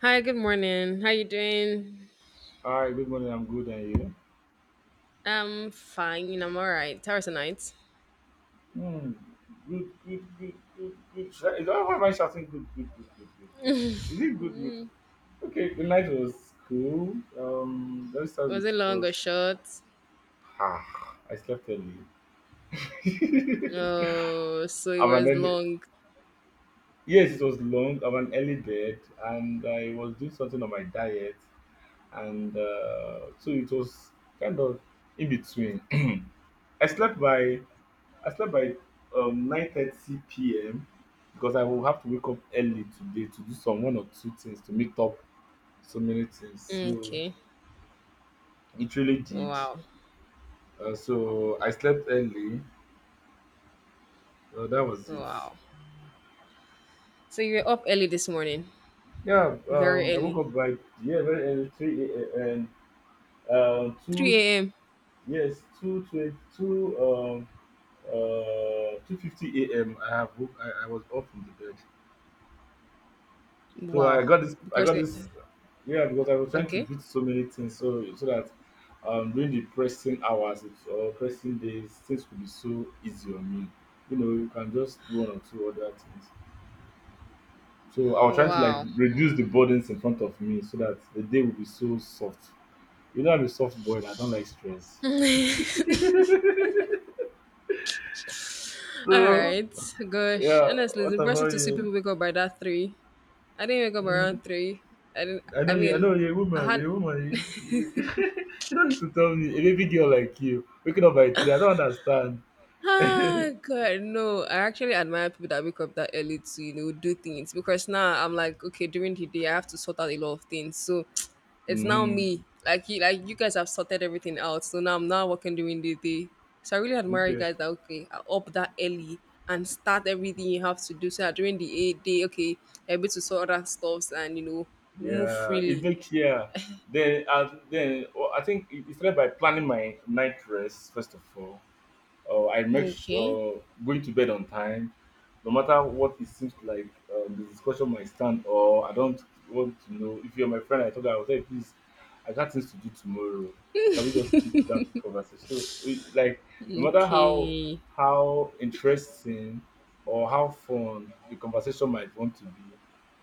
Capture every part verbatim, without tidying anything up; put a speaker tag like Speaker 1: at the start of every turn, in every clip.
Speaker 1: Hi, good morning. How you doing?
Speaker 2: Hi, good morning. I'm good, and you?
Speaker 1: I'm fine. I'm all right. How was the night?
Speaker 2: Hmm. Good, good, good, good, good. Should I- Is that why am I shouting? Good, good, good, good, good, good. Is it good, good? Okay, the night was cool. Um, let's start
Speaker 1: Was
Speaker 2: with
Speaker 1: it
Speaker 2: it
Speaker 1: long or
Speaker 2: was.
Speaker 1: short?
Speaker 2: Ah, I slept early.
Speaker 1: Oh, so it
Speaker 2: I'm an
Speaker 1: was
Speaker 2: early.
Speaker 1: long.
Speaker 2: Yes, it was long. I'm an early bed, and I was doing something on my diet, and uh, so it was kind of in between. I slept by I slept by um, nine thirty p m because I will have to wake up early today to do some one or two things to meet up so many things. So
Speaker 1: Okay.
Speaker 2: it really did.
Speaker 1: Wow.
Speaker 2: Uh, so I slept early. Uh, that was it.
Speaker 1: Wow. So you were up early this morning.
Speaker 2: Yeah,
Speaker 1: Very
Speaker 2: um, I
Speaker 1: early.
Speaker 2: woke up by yeah, very early, three a m and um, two,
Speaker 1: three a m.
Speaker 2: yes, two twenty two, um uh two fifty a m. I have woke, I, I was up from the bed. So I
Speaker 1: Wow.
Speaker 2: got this. I
Speaker 1: Because
Speaker 2: got
Speaker 1: it,
Speaker 2: this. Yeah, because I was trying to
Speaker 1: okay.
Speaker 2: beat so many things, so so that um, during the pressing hours it's- or pressing days, things could be so easy on me. You know, you can just do one or two other things. So I was trying to like
Speaker 1: Wow.
Speaker 2: reduce the burdens in front of me, so that the day would be so soft. You know, I'm a soft boy, and I don't like stress.
Speaker 1: All
Speaker 2: So
Speaker 1: right. Gosh.
Speaker 2: yeah,
Speaker 1: Honestly, it's
Speaker 2: what
Speaker 1: impressive
Speaker 2: about
Speaker 1: to see
Speaker 2: you?
Speaker 1: people wake up by that three. I didn't wake up
Speaker 2: Mm.
Speaker 1: around three. I didn't.
Speaker 2: I
Speaker 1: I
Speaker 2: know you. I
Speaker 1: mean,
Speaker 2: know you're a
Speaker 1: I
Speaker 2: woman.
Speaker 1: had
Speaker 2: You're a woman. You, you, you don't need to tell me. A baby girl like you waking up by three. I don't understand.
Speaker 1: Ah, God, no. I actually admire people that wake up that early to, you know, do things because now I'm like, okay, during the day I have to sort out a lot of things. So it's now
Speaker 2: Mm-hmm.
Speaker 1: me. Like you, like you guys have sorted everything out. So now I'm not working during the day. So I really admire you
Speaker 2: Okay.
Speaker 1: guys that okay, are up that early and start everything you have to do. So that during the eight day, okay, you're able to sort out stuffs and, you know, move
Speaker 2: Yeah. It
Speaker 1: freely.
Speaker 2: makes, yeah. Then uh, then, well, I think it it started by planning my night dress first of all. Uh, I make s-
Speaker 1: Okay.
Speaker 2: uh, Going to bed on time, no matter what, it seems like um, the discussion might stand, or I don't want to know. If you're my friend, I told her, I will say, please, I got things to do tomorrow. Can we just keep that conversation? So, it, like, no matter how
Speaker 1: Okay.
Speaker 2: how interesting or how fun the conversation might want to be,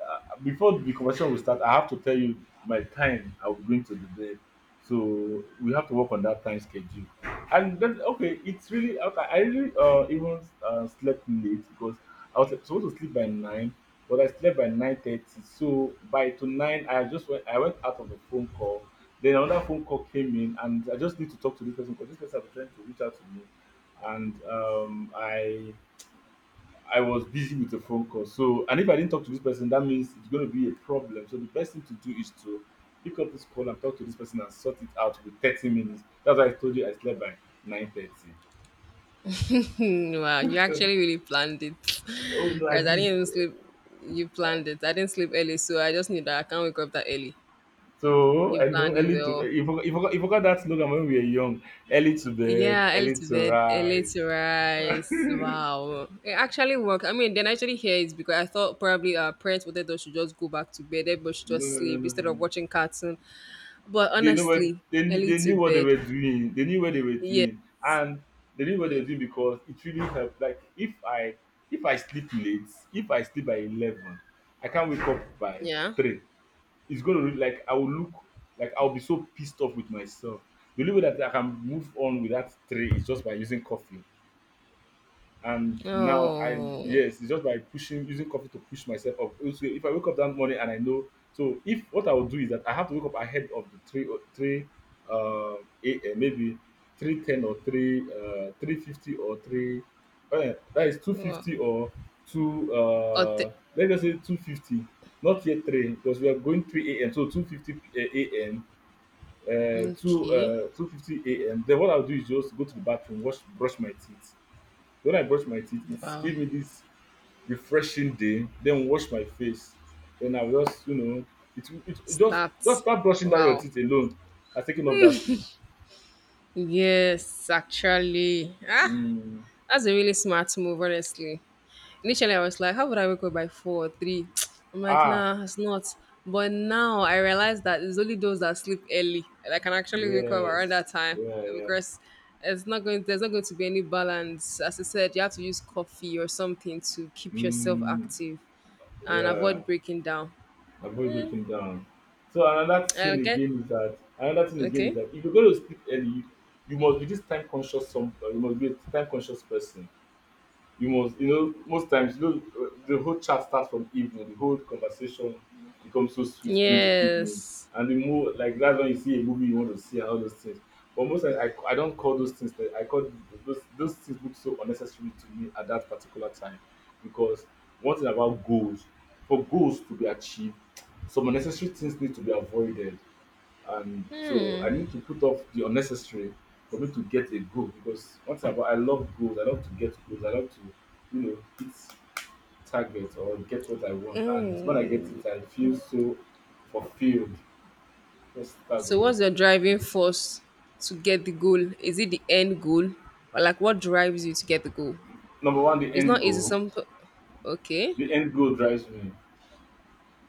Speaker 2: uh, before the conversation will start, I have to tell you my time I'm going to the bed. So we have to work on that time schedule, and then, okay, it's really okay. I really uh even uh, slept late because I was supposed to sleep by nine, but I slept by nine thirty. So by to nine, I just went. I went Out of the phone call. Then another phone call came in, and I just need to talk to this person because this person was trying to reach out to me, and um I I was busy with a phone call. So, and if I didn't talk to this person, that means it's going to be a problem. So, the best thing to do is to pick up this call and talk to this person and sort it out with thirty minutes. That's why I told you I slept by nine thirty.
Speaker 1: Hmm, wow, you actually really planned it.
Speaker 2: Oh, no,
Speaker 1: Guys,
Speaker 2: at
Speaker 1: I didn't
Speaker 2: least.
Speaker 1: even sleep. You planned it. I didn't sleep early, so I just knew that I can't wake up that early.
Speaker 2: So,
Speaker 1: You
Speaker 2: I know
Speaker 1: planned it
Speaker 2: early to,
Speaker 1: well.
Speaker 2: you forgot, you forgot, you forgot that slogan when we were young: early to bed,
Speaker 1: Yeah, early
Speaker 2: early
Speaker 1: to
Speaker 2: to
Speaker 1: bed, early
Speaker 2: rise.
Speaker 1: to rise.
Speaker 2: No,
Speaker 1: Wow. It actually worked. I mean, then I actually hear it's because I thought probably our parents wanted us to just go back to bed, everybody should
Speaker 2: no,
Speaker 1: just
Speaker 2: no,
Speaker 1: sleep
Speaker 2: no,
Speaker 1: instead
Speaker 2: no.
Speaker 1: of
Speaker 2: No.
Speaker 1: watching cartoon. But
Speaker 2: They know what
Speaker 1: honestly,
Speaker 2: they kn-
Speaker 1: early
Speaker 2: they
Speaker 1: to
Speaker 2: knew what they
Speaker 1: bed.
Speaker 2: were doing. They knew what they were
Speaker 1: Yeah,
Speaker 2: doing, and they knew what they were
Speaker 1: yes.
Speaker 2: doing because it really helped. Like if I if I sleep late, if I sleep by eleven, I can't wake up by
Speaker 1: Yeah.
Speaker 2: three. It's gonna really, like, I will look, like I'll be so pissed off with myself. The only way that I can move on with that three is just by using coffee. And now I
Speaker 1: Oh.
Speaker 2: yes, it's just by pushing, using coffee to push myself up. Also, if I wake up that morning and I know, so if what I will do is that I have to wake up ahead of the three o- three uh a.m, maybe three ten, or three uh three fifty, or three, uh, that is, two
Speaker 1: Wow.
Speaker 2: fifty or two
Speaker 1: Oth-
Speaker 2: uh let's just say two fifty, not yet three because we are going three a m, so two fifty a m, uh two
Speaker 1: okay.
Speaker 2: uh two fifty a m. Then what I'll do is just go to the bathroom, wash, brush my teeth. When I brush my teeth, it's
Speaker 1: Wow.
Speaker 2: give me this refreshing day. Then wash my face. Then I will just, you know, it, it, it just
Speaker 1: Start.
Speaker 2: just start brushing down your
Speaker 1: Wow.
Speaker 2: teeth alone, and taking off that sleep.
Speaker 1: Yes, actually. Ah,
Speaker 2: Mm.
Speaker 1: that's a really smart move, honestly. Initially, I was like, how would I wake up by four or three? I'm like,
Speaker 2: Ah,
Speaker 1: nah, it's not. But now I realize that it's only those that sleep early that can actually wake up
Speaker 2: yes,
Speaker 1: around that time,
Speaker 2: yeah,
Speaker 1: uh,
Speaker 2: yeah.
Speaker 1: because it's not going. There's not going to be any balance. As I said, you have to use coffee or something to keep yourself
Speaker 2: Mm,
Speaker 1: active and
Speaker 2: yeah,
Speaker 1: avoid breaking down.
Speaker 2: avoid breaking down. So, another thing
Speaker 1: Okay.
Speaker 2: again is that another thing again is
Speaker 1: Okay.
Speaker 2: that if you're going to sleep early, you, you must be this time conscious. Some uh, You must be a time conscious person. You must you know most times, you know uh, the whole chat starts from evening, the whole conversation becomes so sweet during the evening,
Speaker 1: Yes.
Speaker 2: and the more, like, that's when you see a movie you want to see and all those things. But most times, i, I don't call those things that I call those those things look so unnecessary to me at that particular time, because one thing about goals, for goals to be achieved, some unnecessary things need to be avoided. And so I need to put off the unnecessary for me to get a goal, because once thing about, I love goals, I love to get goals, I love to, you know, hit target or get what I want. And when I get it, I feel so fulfilled. Just that's the
Speaker 1: So
Speaker 2: word.
Speaker 1: what's your driving
Speaker 2: Fulfilled.
Speaker 1: force to get the goal? Is it the end goal? Or like what drives you to get the goal?
Speaker 2: Number one, the
Speaker 1: It's
Speaker 2: end
Speaker 1: not easy.
Speaker 2: goal.
Speaker 1: Some okay.
Speaker 2: The end goal drives me.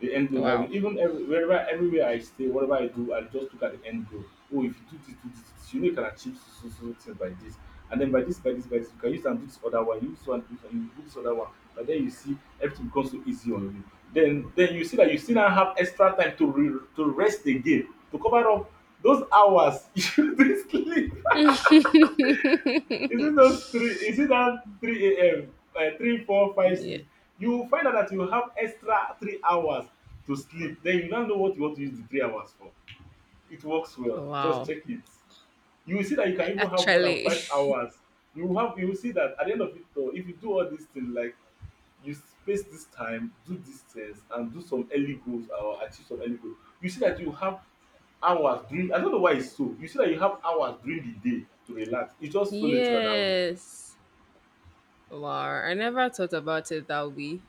Speaker 2: The end goal
Speaker 1: Wow.
Speaker 2: driving Even, every, wherever, everywhere I stay, whatever I do, I just look at the end goal. Oh, if you do this, do this, do this, you know, you can achieve so so so things by this. And then by this, by this, by this, you can use and do this other one, you use one, do this one, you do this other one. But then you see everything becomes so easy on you. Then then you see that you still now have extra time to re to rest again, to cover up those hours you dey sleep. Is it those three, is it that three a m, uh, three, four, five,
Speaker 1: Yeah.
Speaker 2: six? You will find out that you have extra three hours to sleep, then you now know what you want to use the three hours for. It works well, just
Speaker 1: Wow.
Speaker 2: check it. You will see that you can
Speaker 1: A-
Speaker 2: even have more than
Speaker 1: Actually,
Speaker 2: five hours. You will have, you will see that at the end of it, though, if you do all these things, like, you space this time, do these things, and do some early goals, or achieve some early goals, you see that you have hours during, I don't know why it's so, you see that you have hours during the day to relax. It's just so natural that way.
Speaker 1: yes. Wow. I never thought about it that way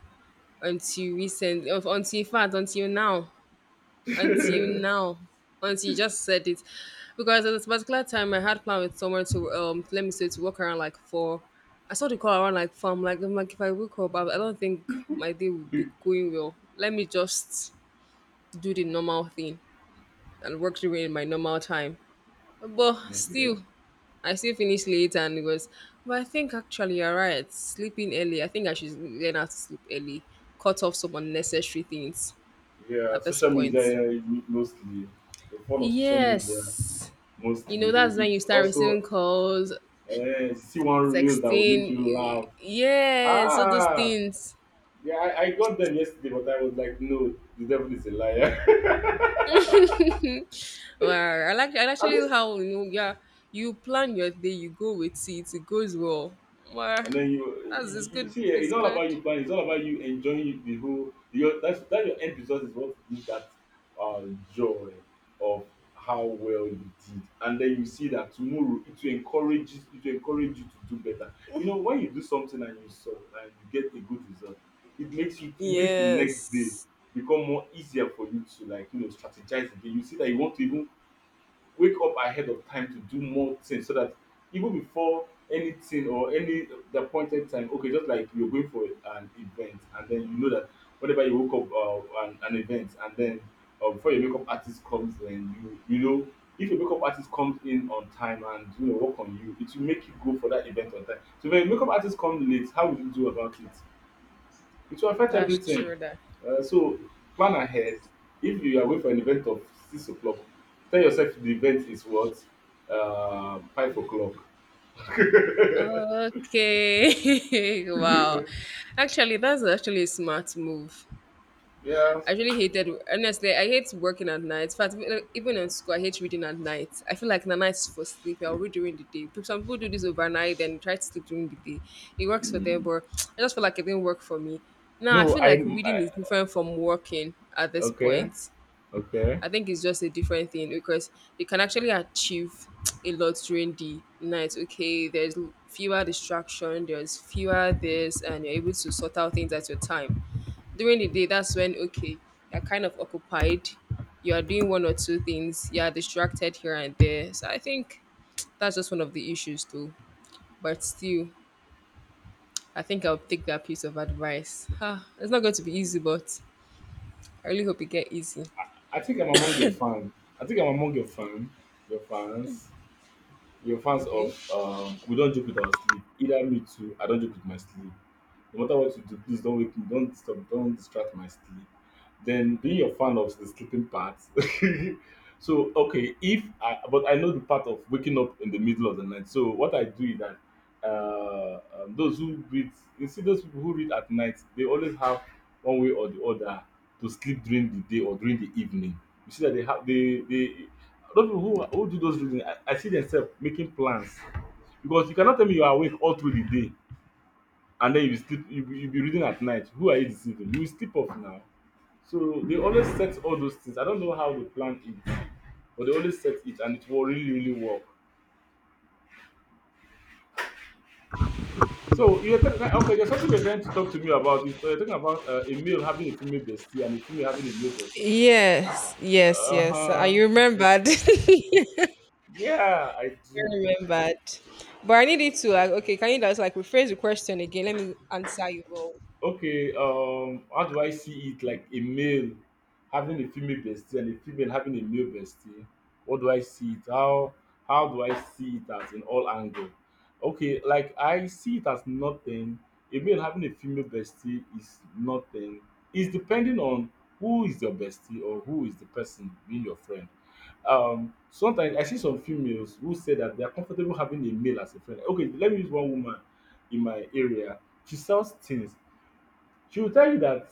Speaker 1: until recent, of- until, in fact, until now. until
Speaker 2: Okay.
Speaker 1: now until you just said it, because at this particular time I had planned with someone to, um let me say, to walk around like four. I saw the call around like four. I'm like, I'm like if I wake up I, I don't think my day would be going well. Let me just do the normal thing and work during my normal time. But still, I still finished late, and it was. But I think actually you're right, sleeping early. I think I should learn how to sleep early, cut off some unnecessary things
Speaker 2: Yeah,
Speaker 1: at this
Speaker 2: social
Speaker 1: point.
Speaker 2: media, yeah, mostly. The fun of social media,
Speaker 1: Yes, you know
Speaker 2: mostly.
Speaker 1: that's when you
Speaker 2: It's
Speaker 1: start receiving
Speaker 2: also,
Speaker 1: calls,
Speaker 2: uh, see one reels that will
Speaker 1: texting,
Speaker 2: make you
Speaker 1: y-
Speaker 2: laugh.
Speaker 1: yes, all those
Speaker 2: Ah,
Speaker 1: things.
Speaker 2: yeah, I, I got them yesterday, but I was like, no, the devil is a liar.
Speaker 1: Wow. I like i like
Speaker 2: At
Speaker 1: actually
Speaker 2: least,
Speaker 1: how, you know yeah, you plan your day, you go with it, it goes well. Wow.
Speaker 2: and then you,
Speaker 1: that's it's
Speaker 2: you, you
Speaker 1: good
Speaker 2: see, eh,
Speaker 1: it's
Speaker 2: it's all
Speaker 1: good
Speaker 2: about you planning, it's all about you enjoying the whole, your, that's that your end result is what gives that uh, joy of how well you did. And then you see that tomorrow it will encourage you, it will encourage you to do better. You know, when you do something, and you, so, and you get a good result, it makes you, it makes the next day
Speaker 1: Yes.
Speaker 2: become more easier for you to, like, you know, strategize again. You see that you want to even wake up ahead of time to do more things, so that even before anything or any the appointed time, okay, just like you're going for an event, and then you know that whenever you woke up, uh, an, an event, and then, uh, before your makeup artist comes in, you you know, if your makeup artist comes in on time and, you know, work on you, it will make you go for that event on time. So when your makeup artist comes late, how will you do about it? It will affect
Speaker 1: That's
Speaker 2: everything.
Speaker 1: true, that.
Speaker 2: Uh, so plan ahead. If you are away for an event of six o'clock, tell yourself the event is what, um, five o'clock.
Speaker 1: Okay. Wow. Actually, that's actually a smart move.
Speaker 2: Yes.
Speaker 1: I really hated, honestly, I hate working at night. In fact, even even in school, I hate reading at night. I feel like the night is for sleep. I'll read during the day. But some people do this overnight and try to sleep during the day. It works for them,
Speaker 2: Mm.
Speaker 1: but I just feel like it didn't work for me. Now, I
Speaker 2: No,
Speaker 1: feel like
Speaker 2: I'm
Speaker 1: reading
Speaker 2: I,
Speaker 1: is different from working at this
Speaker 2: Okay.
Speaker 1: point.
Speaker 2: Okay.
Speaker 1: I think it's just a different thing because you can actually achieve a lot during the night. Okay, there's fewer distraction, there's fewer this, and you're able to sort out things at your time during the day. That's when okay, you're kind of occupied, you are doing one or two things, you're distracted here and there. So I think that's just one of the issues too. But still, I think I'll take that piece of advice, huh. It's not going to be easy, but I really hope it get easy.
Speaker 2: I think I'm among your fan. I think I'm among your fan, your fans, Your fans
Speaker 1: Okay.
Speaker 2: of um, we don't joke with our sleep. Either me too. I don't joke with my sleep. No matter what you do, please don't wake me, don't stop, don't distract my sleep. Then being a fan of the sleeping part. so okay, if I but I know the part of waking up in the middle of the night. So what I do is that uh, um, those who read, you see those people who read at night, they always have one way or the other to sleep during the day or during the evening. You see that they have they they those people who who do those reading, I, I see themselves making plans, because you cannot tell me you are awake all through the day and then you be sleep you you be reading at night. Who are you deceiving? You will sleep off now. So they always set all those things. I don't know how they plan it, but they always set it and it will really really work. So you're tell- like, okay, there's something you're trying to talk to me about is you're talking about uh, a male having a female bestie and a female having a male bestie.
Speaker 1: Yes, yes, yes. I
Speaker 2: Uh-huh. Okay.
Speaker 1: remembered. I
Speaker 2: Yeah, I do.
Speaker 1: remembered. But I need it to like okay, can you just like rephrase the question again? Let me answer you all.
Speaker 2: Okay, um, how do I see it? Like a male having a female bestie and a female having a male bestie. What do I see it? How how do I see it, as in all angle? Okay, like I see it as nothing. A male having a female bestie is nothing. It's depending on who is your bestie or who is the person being your friend. Um, sometimes I see some females who say that they are comfortable having a male as a friend. Okay, let me use one woman in my area. She sells things. She will tell you that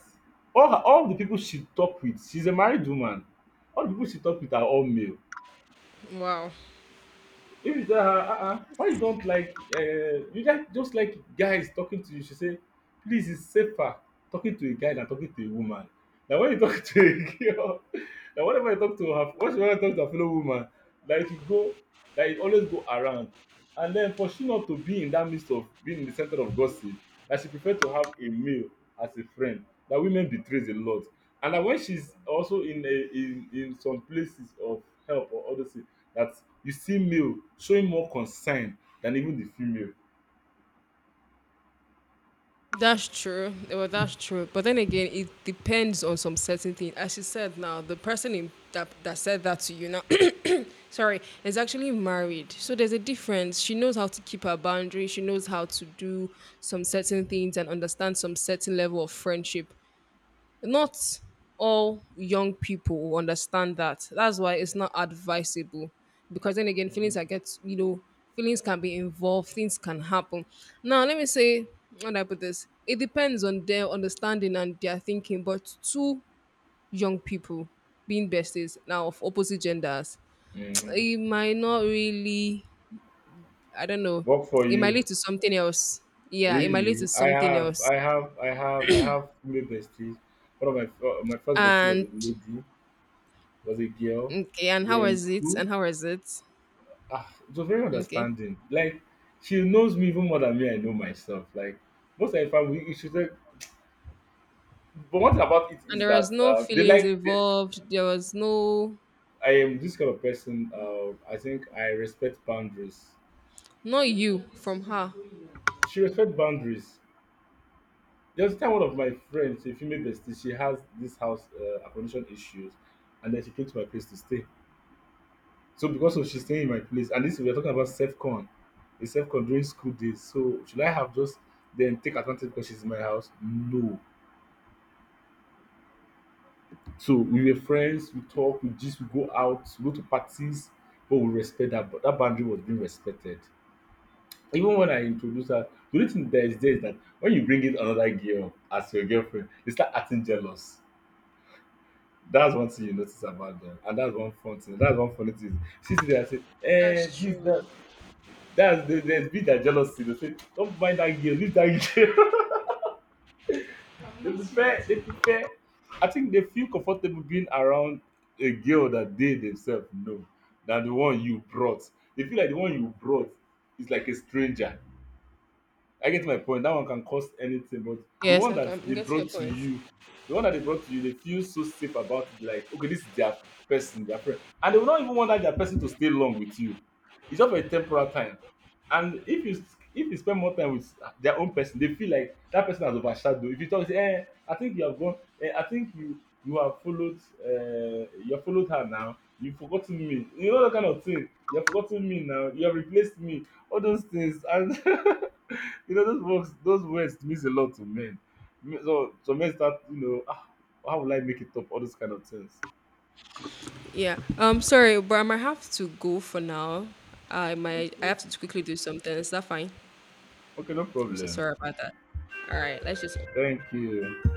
Speaker 2: all her all the people she talk with, she's a married woman, all the people she talk with are all male.
Speaker 1: Wow.
Speaker 2: If you tell her, uh uh why you don't like, uh, you just, just like guys talking to you, she say, please, it's safer talking to a guy than talking to a woman. Now, when you talk to a girl, now, whenever you talk to her, once you want to talk to a fellow woman, like to go, like it always go around. And then for she not to be in that midst of being in the center of gossip, that she prefer to have a male as a friend, that women betrays a lot. And that when she's also in a, in, in some places of help or others, that you see male showing more concern than even the female.
Speaker 1: That's true. Eh, well, that's true. But then again, it depends on some certain thing. As you said now, the person in, that that said that to you now, sorry, is actually married. So there's a difference. She knows how to keep her boundary. She knows how to do some certain things and understand some certain level of friendship, not all young people will understand that. That's why it's not advisable. Because then again, feelings are get, you know, feelings can be involved, things can happen. Now let me say, how do I put this? It depends on their understanding and their thinking, but two young people being besties now of opposite genders,
Speaker 2: Mhm.
Speaker 1: it might not really, I don't know.
Speaker 2: Work for
Speaker 1: It might
Speaker 2: you.
Speaker 1: lead to something else. Yeah, it might lead to
Speaker 2: Really? I
Speaker 1: something
Speaker 2: have,
Speaker 1: else.
Speaker 2: I have, I have, I have female besties. One of my uh, my first bestie was
Speaker 1: And
Speaker 2: a lady, was a girl.
Speaker 1: okay, and
Speaker 2: We were
Speaker 1: how
Speaker 2: in
Speaker 1: was it?
Speaker 2: school.
Speaker 1: And how was it?
Speaker 2: Ah, it was very
Speaker 1: Okay,
Speaker 2: understanding. Like, she knows me even more than me. I know myself. Like, most of the time, we should. But one thing about it
Speaker 1: and
Speaker 2: is
Speaker 1: there was
Speaker 2: that
Speaker 1: no
Speaker 2: uh, they
Speaker 1: feelings
Speaker 2: like. They,
Speaker 1: involved. There was no,
Speaker 2: I am this kind of person. Uh, I think I respect boundaries.
Speaker 1: no you from her.
Speaker 2: She respects boundaries. There's a time one of my friends, a female bestie, she has this house uh, accommodation issues, and then she came to my place to stay. So because of she's staying in my place, and this we're talking about self-con, a self-con during school days. So should I have just then take advantage because she's in my house? No. So we were friends, we talk, we just we go out, we go to parties, but we respect that. But that boundary was being respected. Even when I introduce her, the only thing that is there is that when you bring in another girl as your girlfriend, they start acting jealous. That's one thing you notice about them, and that's one fun thing. That's one funny thing. She sit there and say, eh,
Speaker 1: That's
Speaker 2: this,
Speaker 1: true.
Speaker 2: that. That's there, there's bit that jealousy. They say, don't mind that girl, leave that girl. they prefer, they prefer. I think they feel comfortable being around a girl that they themselves know than the one you brought. They feel like the one you brought is like a stranger. I get my point. That one can cost anything, but the
Speaker 1: Yes,
Speaker 2: one
Speaker 1: like
Speaker 2: that
Speaker 1: I'm
Speaker 2: they
Speaker 1: getting your
Speaker 2: brought to
Speaker 1: point.
Speaker 2: you, the one that they brought to you, they feel so safe about it. Like, okay, this is their person, their friend, and they will not even want that their person to stay long with you. It's just for a temporal time. And if you if you spend more time with their own person, they feel like that person has overshadowed. If you talk, say, eh, I think you have gone. Eh, I think you you have followed. Uh, you have followed her now. You've forgotten me. You know that kind of thing. You have forgotten me now. You have replaced me. All those things and. You know, those words, those words means a lot to men. Me- So, so men start, you know, ah, how will I make it up? All those kind of things.
Speaker 1: Yeah. Um, sorry, but I might have to go for now. I might I
Speaker 2: Okay.
Speaker 1: have to quickly do something. Is that fine?
Speaker 2: Okay, no
Speaker 1: I'm so
Speaker 2: problem.
Speaker 1: sorry about that. All right, let's just. Okay.
Speaker 2: Thank you.